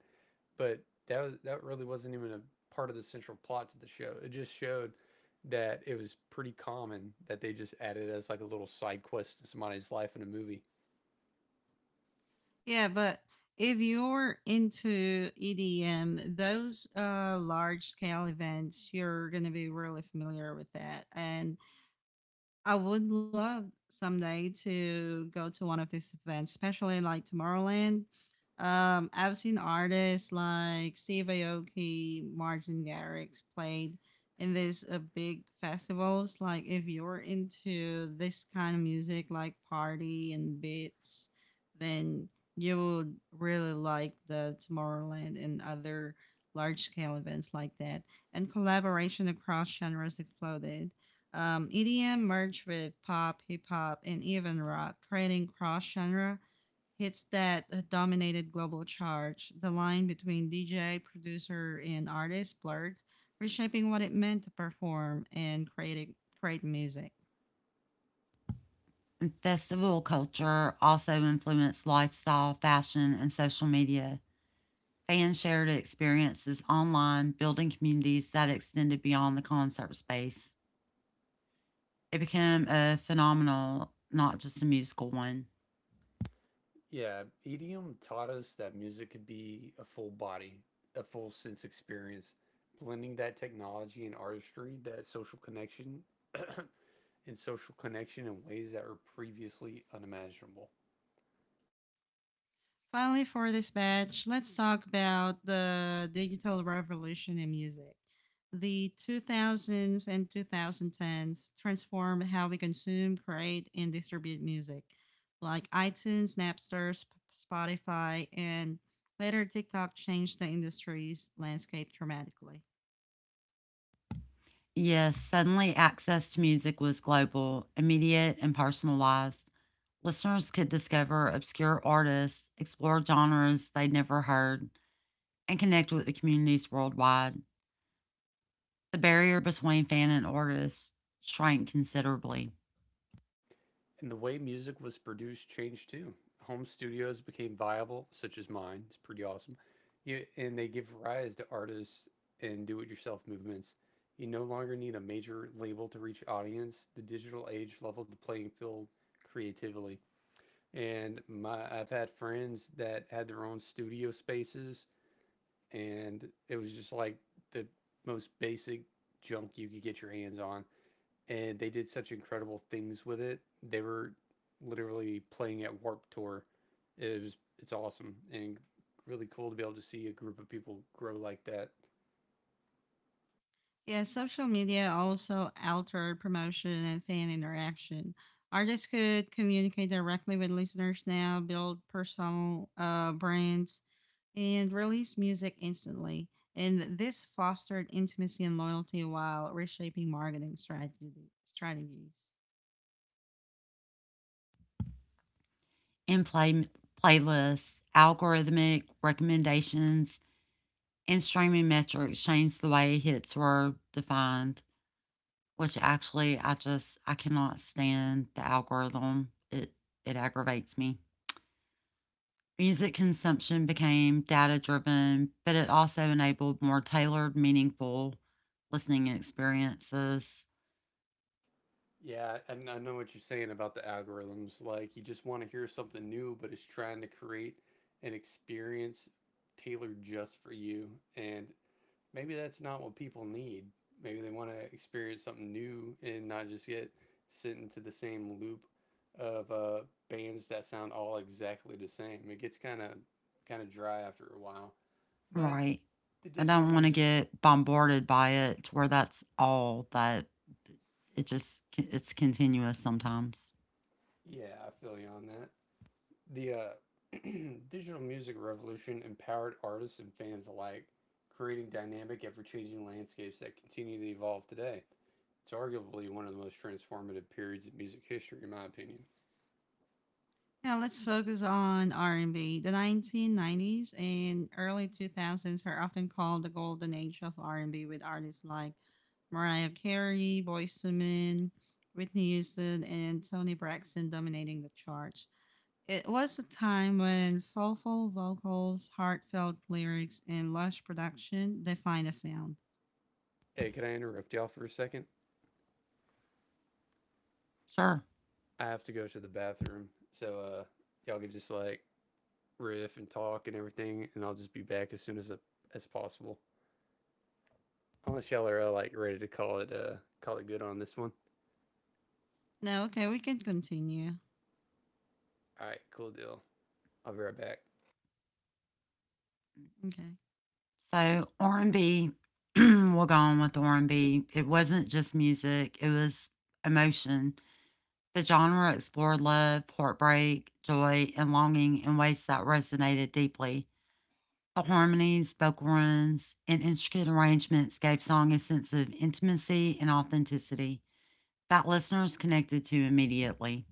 But that really wasn't even a part of the central plot to the show. It just showed that it was pretty common that they just added as like a little side quest to somebody's life in a movie.
Yeah, but if you're into EDM, those large scale events, you're going to be really familiar with that. And I would love someday to go to one of these events, especially like Tomorrowland. I've seen artists like Steve Aoki, Martin Garrix played in these big festivals. Like if you're into this kind of music, like party and beats, then you would really like the Tomorrowland and other large scale events like that. And collaboration across genres exploded. EDM merged with pop, hip hop, and even rock, creating cross genre hits that dominated global charts. The line between DJ, producer, and artist blurred, reshaping what it meant to perform and create music.
Festival culture also influenced lifestyle, fashion, and social media. Fans shared experiences online, building communities that extended beyond the concert space. It became a phenomenal, not just a musical one.
Yeah, EDM taught us that music could be a full body, a full sense experience, blending that technology and artistry, that social connection, and social connection in ways that were previously unimaginable.
Finally, for this batch, let's talk about the digital revolution in music. The 2000s and 2010s transformed how we consume, create, and distribute music, like iTunes, Napster, Spotify, and later TikTok changed the industry's landscape dramatically.
Yes, suddenly access to music was global, immediate, and personalized. Listeners could discover obscure artists, explore genres they'd never heard, and connect with the communities worldwide. The barrier between fan and artist shrank considerably.
And the way music was produced changed too. Home studios became viable, such as mine. It's pretty awesome. You, and they give rise to artists and do it yourself movements. You no longer need a major label to reach audience. The digital age leveled the playing field creatively, and my I've had friends that had their own studio spaces, and it was just like the most basic junk you could get your hands on, and they did such incredible things with it. They were literally playing at Warp Tour. It's awesome and really cool to be able to see a group of people grow like that.
Yeah, social media also altered promotion and fan interaction. Artists could communicate directly with listeners now, build personal brands, and release music instantly. And this fostered intimacy and loyalty while reshaping marketing strategies.
In playlists, algorithmic recommendations, and streaming metrics changed the way hits were defined, which actually I just I cannot stand the algorithm. It aggravates me. Music consumption became data driven, but it also enabled more tailored, meaningful listening experiences.
Yeah, and I know what you're saying about the algorithms. Like, you just want to hear something new, but it's trying to create an experience tailored just for you. And maybe that's not what people need. Maybe they want to experience something new and not just get sent into the same loop of bands that sound all exactly the same. It gets kind of dry after a while. But
Right.
the
I
digital
don't want to
music,
get bombarded by it to where that's all that it just it's continuous sometimes.
yeah, I feel you on that. The digital music revolution empowered artists and fans alike, creating dynamic, ever changing landscapes that continue to evolve today. It's arguably one of the most transformative periods in music history, in my opinion.
Now let's focus on R&B. The 1990s and early 2000s are often called the golden age of R&B with artists like Mariah Carey, Boyz II Men, Whitney Houston, and Toni Braxton dominating the charts. It was a time when soulful vocals, heartfelt lyrics, and lush production defined a sound.
Hey, can I interrupt y'all for a second?
Sure.
I have to go to the bathroom, so y'all can just like riff and talk and everything, and I'll just be back as soon as possible. Unless y'all are like ready to call it good on this one.
Now, okay, we can continue.
All right, cool deal. I'll be right back.
Okay.
So R&B, we'll go on with R&B. It wasn't just music, it was emotion. The genre explored love, heartbreak, joy, and longing in ways that resonated deeply. The harmonies, vocal runs, and intricate arrangements gave song a sense of intimacy and authenticity that listeners connected to immediately.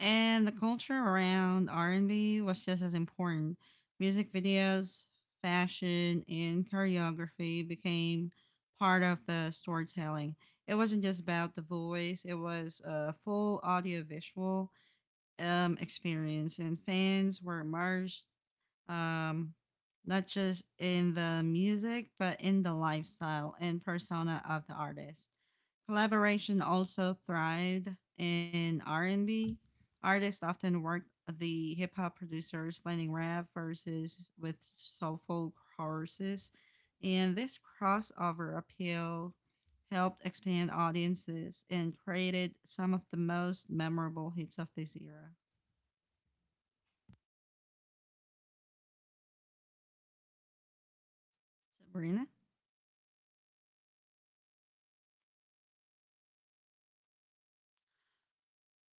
And the culture around R&B was just as important. Music videos, fashion, and choreography became part of the storytelling. It wasn't just about the voice, it was a full audiovisual experience, and fans were immersed um, not just in the music, but in the lifestyle and persona of the artist. Collaboration also thrived in R&B. Artists often worked the hip hop producers blending rap verses with soulful choruses, and this crossover appeal helped expand audiences and created some of the most memorable hits of this era. Sabrina?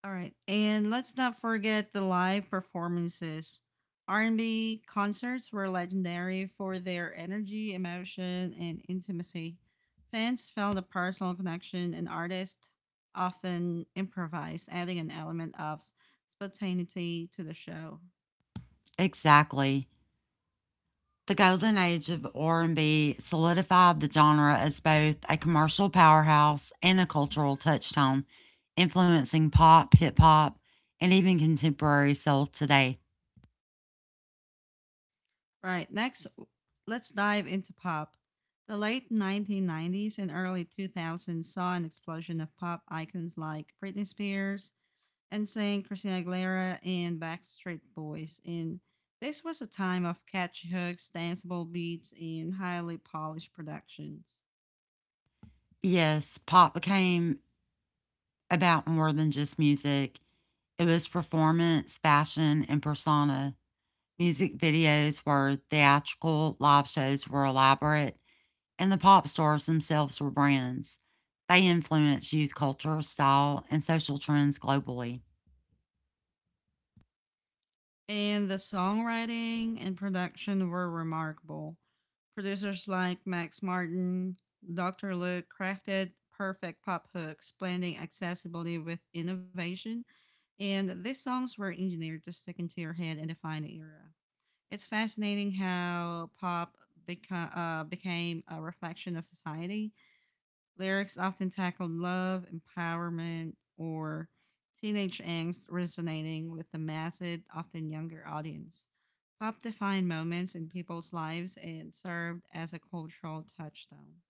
All right. And let's not forget the live performances. R&B concerts were legendary for their energy, emotion, and intimacy. Fans felt a personal connection and artists often improvised, adding an element of spontaneity to the show.
Exactly. The golden age of R&B solidified the genre as both a commercial powerhouse and a cultural touchstone, influencing pop, hip hop, and even contemporary soul today.
All right. Next, let's dive into pop. The late 1990s and early 2000s saw an explosion of pop icons like Britney Spears, NSYNC, Christina Aguilera, and Backstreet Boys. And this was a time of catchy hooks, danceable beats, and highly polished productions.
Yes, pop became about more than just music. It was performance, fashion, and persona. Music videos were theatrical, live shows were elaborate, and the pop stars themselves were brands. They influenced youth culture, style, and social trends globally.
And the songwriting and production were remarkable. Producers like Max Martin, Dr. Luke crafted perfect pop hooks, blending accessibility with innovation. And these songs were engineered to stick into your head and define the era. It's fascinating how pop became a reflection of society. Lyrics often tackled love, empowerment, or teenage angst, resonating with the massive, often younger audience. Pop defined moments in people's lives and served as a cultural touchstone.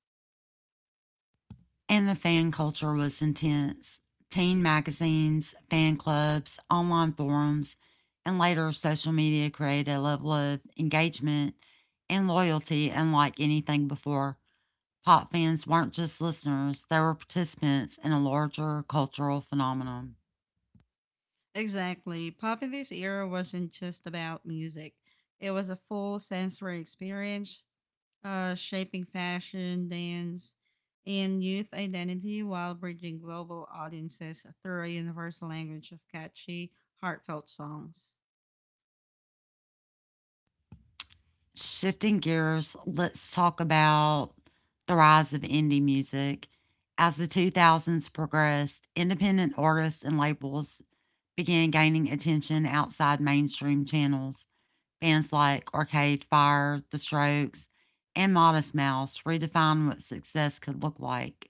And the fan culture was intense. Teen magazines, fan clubs, online forums, and later social media created a level of engagement and loyalty unlike anything before. Pop fans weren't just listeners, they were participants in a larger cultural phenomenon.
Exactly. Pop in this era wasn't just about music, it was a full sensory experience shaping fashion, dance, and youth identity while bridging global audiences through a universal language of catchy, heartfelt songs.
Shifting gears, let's talk about the rise of indie music. As the 2000s progressed, independent artists and labels began gaining attention outside mainstream channels. Bands like Arcade Fire, The Strokes, and Modest Mouse redefined what success could look like.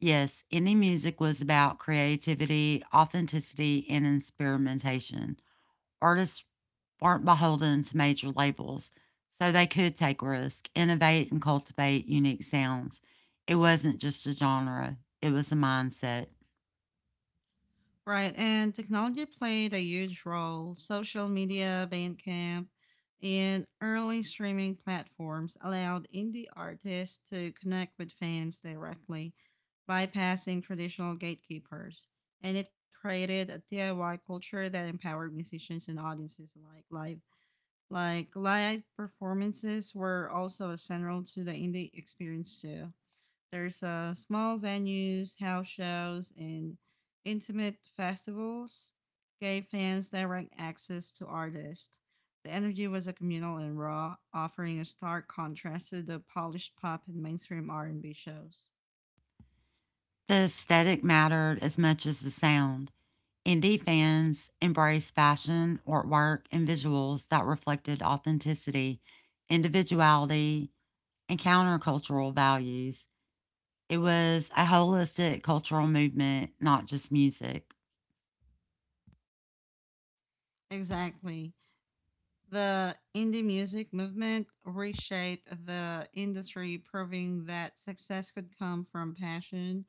Yes, indie music was about creativity, authenticity, and experimentation. Artists weren't beholden to major labels, so they could take risks, innovate, and cultivate unique sounds. It wasn't just a genre, it was a mindset.
Right, and technology played a huge role. Social media, Bandcamp, and early streaming platforms allowed indie artists to connect with fans directly, bypassing traditional gatekeepers. And it created a DIY culture that empowered musicians and audiences alike live Like live performances were also essential to the indie experience too. There's small venues, house shows, and intimate festivals gave fans direct access to artists. The energy was a communal and raw, offering a stark contrast to the polished pop and mainstream R&B shows.
The aesthetic mattered as much as the sound. Indie fans embraced fashion, artwork, and visuals that reflected authenticity, individuality, and countercultural values. It was a holistic cultural movement, not just music.
Exactly. The indie music movement reshaped the industry, proving that success could come from passion,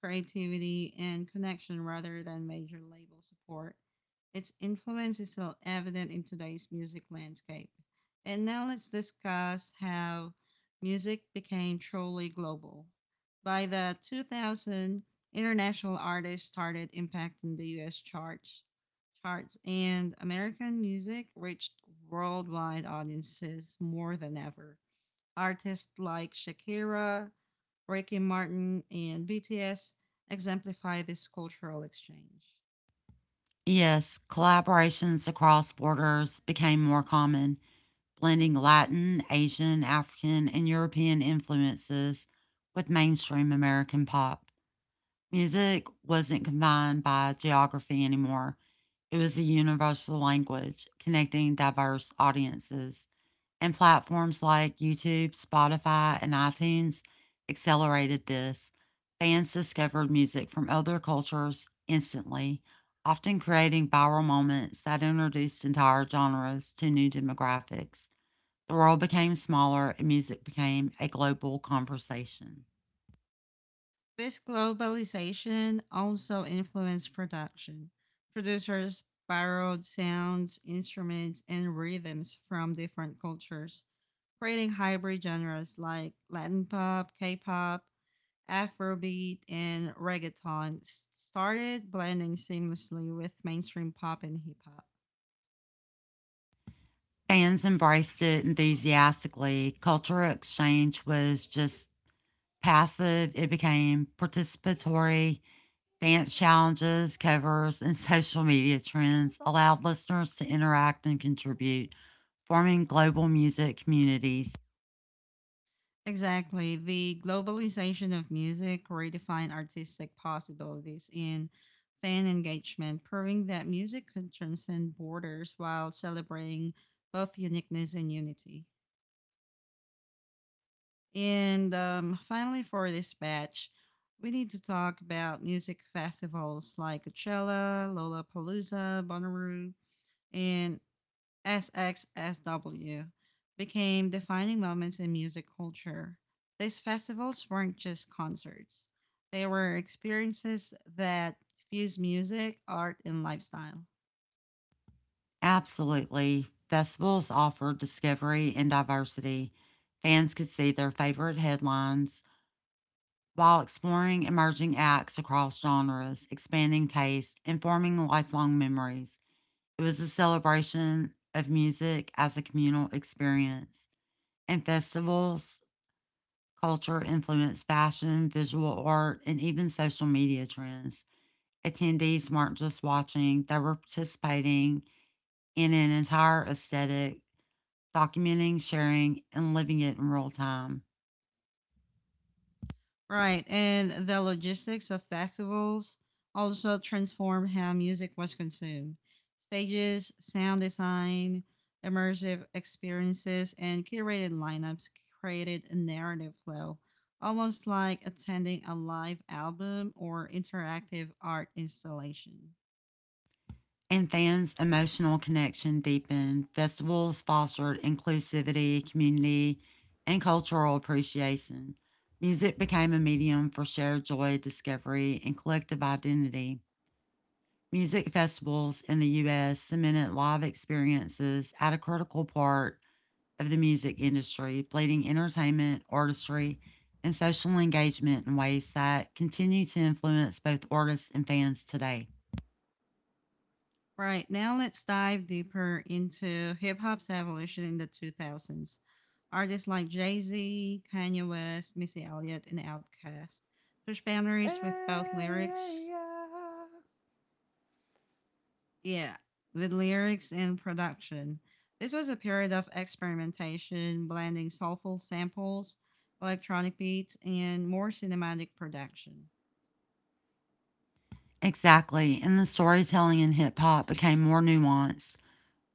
creativity, and connection rather than major label support. Its influence is still evident in today's music landscape. And now let's discuss how music became truly global. By the 2000s, international artists started impacting the US charts, and American music reached worldwide audiences more than ever. Artists like Shakira, Ricky Martin, and BTS exemplify this cultural exchange.
Yes, collaborations across borders became more common, blending Latin, Asian, African, and European influences with mainstream American pop. Music wasn't confined by geography anymore. It was a universal language connecting diverse audiences, and platforms like YouTube, Spotify, and iTunes accelerated this. Fans discovered music from other cultures instantly, often creating viral moments that introduced entire genres to new demographics. The world became smaller and music became a global conversation.
This globalization also influenced production. Producers borrowed sounds, instruments, and rhythms from different cultures creating hybrid genres like Latin pop, K-pop, Afrobeat, and reggaeton started blending seamlessly with mainstream pop and hip hop.
Fans embraced it enthusiastically. Cultural exchange was just passive, it became participatory. Dance challenges, covers, and social media trends allowed listeners to interact and contribute, forming global music communities.
Exactly. The globalization of music redefined artistic possibilities in fan engagement, proving that music can transcend borders while celebrating both uniqueness and unity. And finally, for this batch, we need to talk about music festivals like Coachella, Lollapalooza, Bonnaroo, and SXSW became defining moments in music culture. These festivals weren't just concerts, they were experiences that fused music, art, and lifestyle.
Absolutely, festivals offered discovery and diversity. Fans could see their favorite headlines while exploring emerging acts across genres, expanding taste, and forming lifelong memories. It was a celebration of music as a communal experience. And festivals, culture influenced fashion, visual art, and even social media trends. Attendees weren't just watching, they were participating in an entire aesthetic, documenting, sharing, and living it in real time.
Right, and the logistics of festivals also transformed how music was consumed. Stages, sound design, immersive experiences, and curated lineups created a narrative flow, almost like attending a live album or interactive art installation.
And fans' emotional connection deepened. Festivals fostered inclusivity, community, and cultural appreciation. Music became a medium for shared joy, discovery, and collective identity. Music festivals in the US cemented live experiences at a critical part of the music industry, blending entertainment, artistry, and social engagement in ways that continue to influence both artists and fans today.
Right, now let's dive deeper into hip hop's evolution in the 2000s. Artists like Jay Z, Kanye West, Missy Elliott, and Outkast push boundaries with both
Yeah.
yeah, with lyrics and production. This was a period of experimentation, blending soulful samples, electronic beats, and more cinematic production.
Exactly, and the storytelling in hip hop became more nuanced.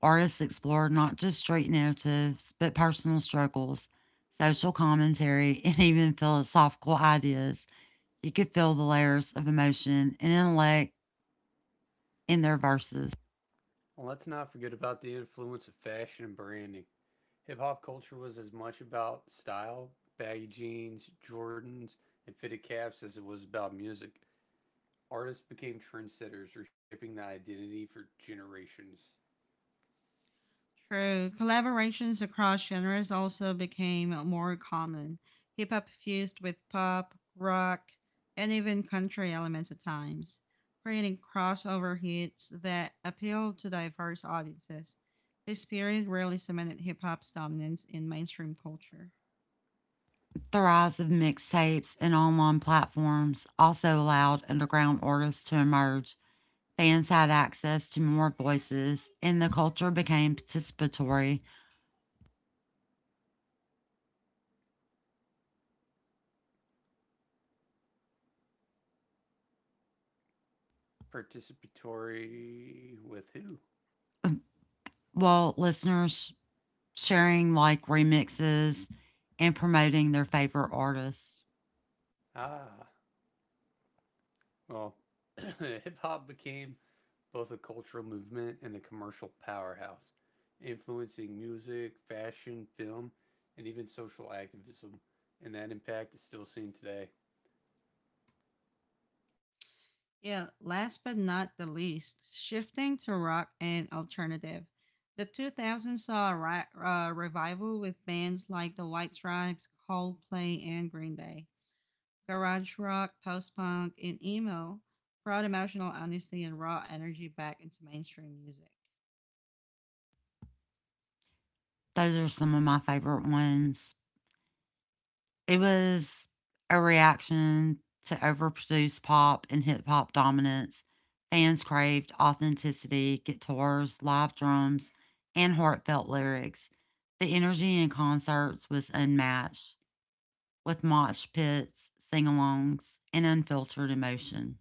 Artists explored not just street narratives, but personal struggles, social commentary, and even philosophical ideas. You could feel the layers of emotion and intellect in their verses.
And let's not forget about the influence of fashion and branding. Hip hop culture was as much about style, baggy jeans, Jordans, and fitted caps as it was about music. Artists became trendsetters, reshaping the identity for generations.
True. Collaborations across genres also became more common. Hip hop fused with pop, rock, and even country elements at times, creating crossover hits that appealed to diverse audiences. This period really cemented hip hop's dominance in mainstream culture.
The rise of mixtapes and online platforms also allowed underground artists to emerge. Fans had access to more voices, and the culture became participatory,
Participatory with who?
while listeners sharing like remixes and promoting their favorite artists.
Ah, well, hip hop became both a cultural movement and a commercial powerhouse, influencing music, fashion, film, and even social activism, and that impact is still seen today.
Yeah, last but not the least, shifting to rock and alternative. The 2000s saw a revival with bands like the White Stripes, Coldplay, and Green Day. Garage rock, post punk, and emo brought emotional honesty and raw energy back into mainstream music.
Those are some of my favorite ones. It was a reaction to overproduced pop and hip hop dominance. Fans craved authenticity, guitars, live drums, and heartfelt lyrics. The energy in concerts was unmatched, with mosh pits, sing alongs, and unfiltered emotion.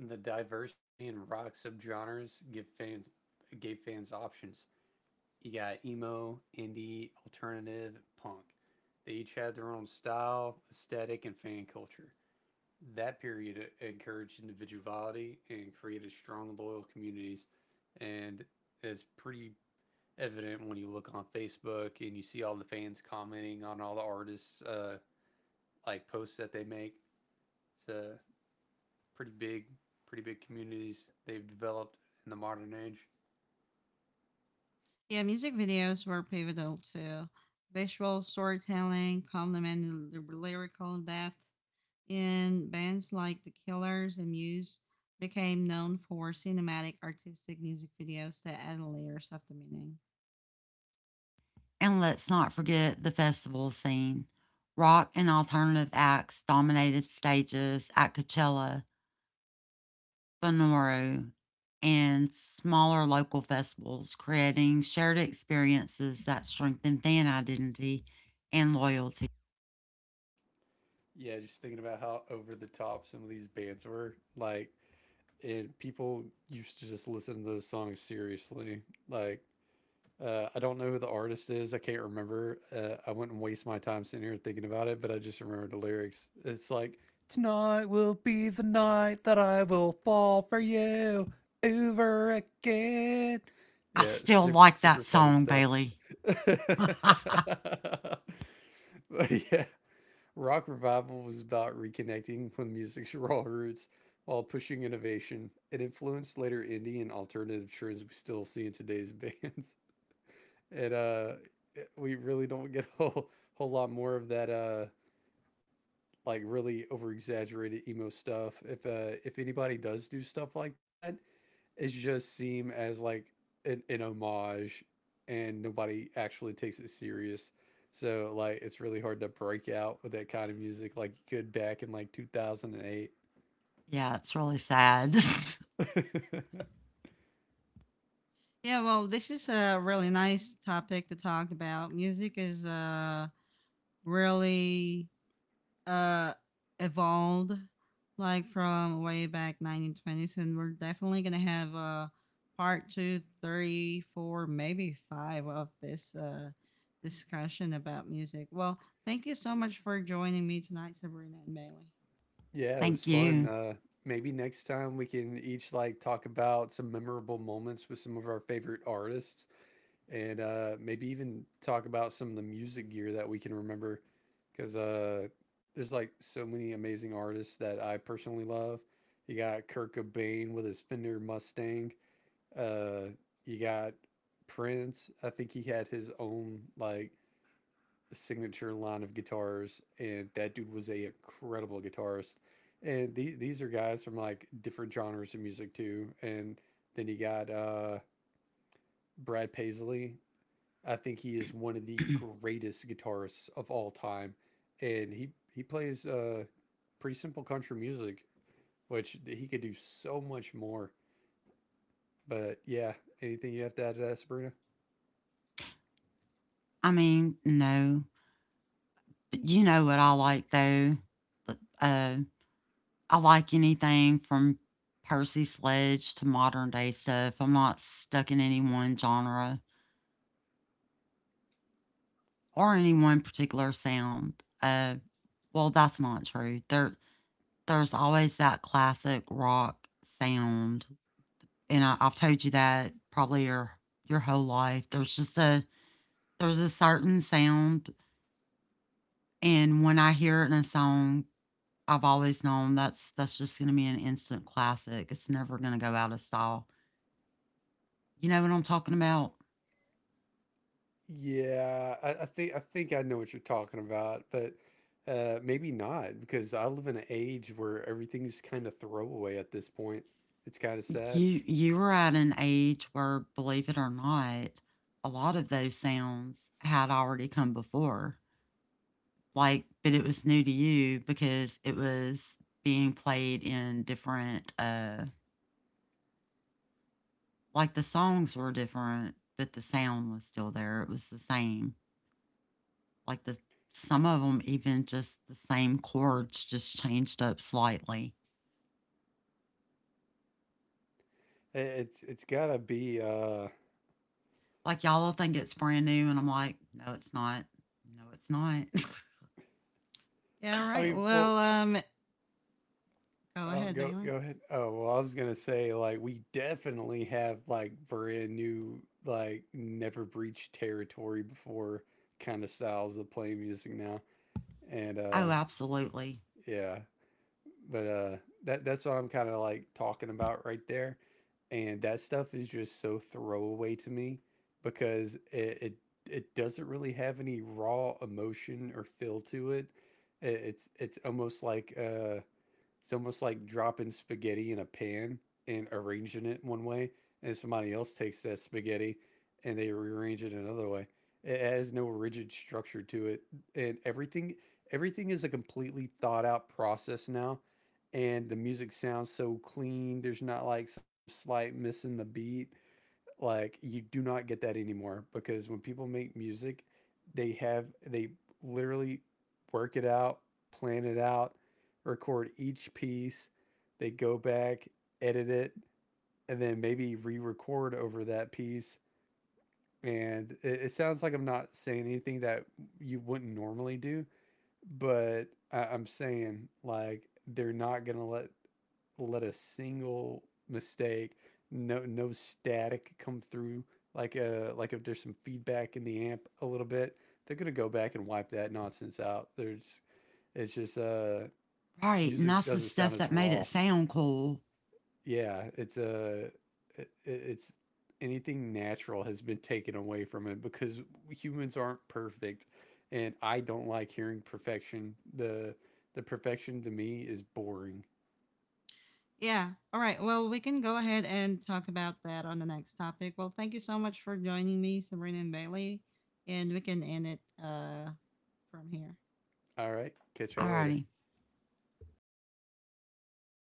And the diversity in rock subgenres give fans gave fans options. You got emo, indie, alternative, punk. They each had their own style, aesthetic, and fan culture. That period encouraged individuality and created strong, loyal communities, and it's pretty evident when you look on Facebook and you see all the fans commenting on all the artists like posts that they make. It's a pretty big, pretty big communities they've developed in the modern age.
Yeah, music videos were pivotal too. Visual storytelling complemented the lyrical depth, and bands like The Killers and Muse became known for cinematic artistic music videos that add layers of the meaning.
And let's not forget the festival scene. Rock and alternative acts dominated stages at Coachella, Bonoro, and smaller local festivals, creating shared experiences that strengthen fan identity and loyalty.
Yeah, just thinking about how over the top some of these bands were. Like, and people used to just listen to those songs seriously. Like, I don't know who the artist is. I can't remember. I wouldn't waste my time sitting here thinking about it, but I just remember the lyrics. It's like, tonight will be the night that I will fall for you over again.
I
Yeah, it's
still
super,
like that
super funny
song,
stuff.
Bailey.
But yeah, rock revival was about reconnecting with music's raw roots while pushing innovation. It influenced later indie and alternative trends we still see in today's bands. it uh we really don't get a whole lot more of that like really over exaggerated emo stuff. If if anybody does do stuff like that, it just seem as like an homage, and nobody actually takes it serious. So like it's really hard to break out with that kind of music like you could back in like 2008.
Yeah, it's really sad.
Yeah, well, this is a really nice topic to talk about. Music is a really uh evolved like from way back 1920s, and we're definitely gonna have part two, three, four maybe five of this discussion about music. Well, thank you so much for joining me tonight, Sabrina and Bailey.
Yeah, it was
Thank
fun.
you.
Maybe next time we can each like talk about some memorable moments with some of our favorite artists, and maybe even talk about some of the music gear that we can remember, because there's like so many amazing artists that I personally love. You got Kurt Cobain with his Fender Mustang. Uh, you got Prince. I think he had his own like signature line of guitars, and that dude was a incredible guitarist. And these are guys from like different genres of music too. And then you got Brad Paisley. I think he is one of the greatest guitarists of all time, and he plays pretty simple country music, which he could do so much more. But yeah, anything you have to add to that, Sabrina?
I mean, no, but you know what I like though. Uh, I like anything from Percy Sledge to modern day stuff. I'm not stuck in any one genre or any one particular sound. Uh, Well, that's not true. There's always that classic rock sound, and I've told you that probably your whole life. There's just a there's a certain sound, and when I hear it in a song, I've always known that's just gonna be an instant classic. It's never gonna go out of style. You know what I'm talking about?
Yeah, I think I know what you're talking about, but maybe not because I live in an age where everything's kind of throwaway at this point. It's kind of sad.
You were at an age where, believe it or not, a lot of those sounds had already come before. Like but it was new to you because it was being played in different like the songs were different but the sound was still there it was the same like the some of them even just the same chords just changed up slightly
I- It's gotta be.
like y'all think it's brand new and I'm like no it's not no it's not.
Yeah, all
I
right,
mean, well,
well, go
Oh,
ahead, Bailey.
go ahead. Oh, well, I was gonna say like we definitely have like brand new like never breached territory before kind of styles of playing music now, and
Oh absolutely
yeah, but that that's what I'm kind of like talking about right there, and that stuff is just so throwaway to me because it, it doesn't really have any raw emotion or feel to it. It's almost like it's almost like dropping spaghetti in a pan and arranging it one way, and somebody else takes that spaghetti and they rearrange it another way. It has no rigid structure to it, and everything is a completely thought out process now. And the music sounds so clean. There's not like some slight missing the beat. Like you do not get that anymore because when people make music, they literally work it out, plan it out, record each piece, they go back, edit it, and then maybe re-record over that piece. And it sounds like I'm not saying anything that you wouldn't normally do, but I'm saying like they're not gonna let a single mistake, no static come through. Like if there's some feedback in the amp a little bit, they're gonna go back and wipe that nonsense out. There's it's just
right and
music
that's the
doesn't sound
stuff
as
that made
raw.
it sound cool.
Yeah, it's a it's anything natural has been taken away from it because humans aren't perfect, and I don't like hearing perfection. The perfection to me is boring.
Yeah, all right, well, we can go ahead and talk about that on the next topic. Well, thank you so much for joining me, Sabrina and Bailey, and we can end it from here.
All right, catch y'all later.
Alrighty.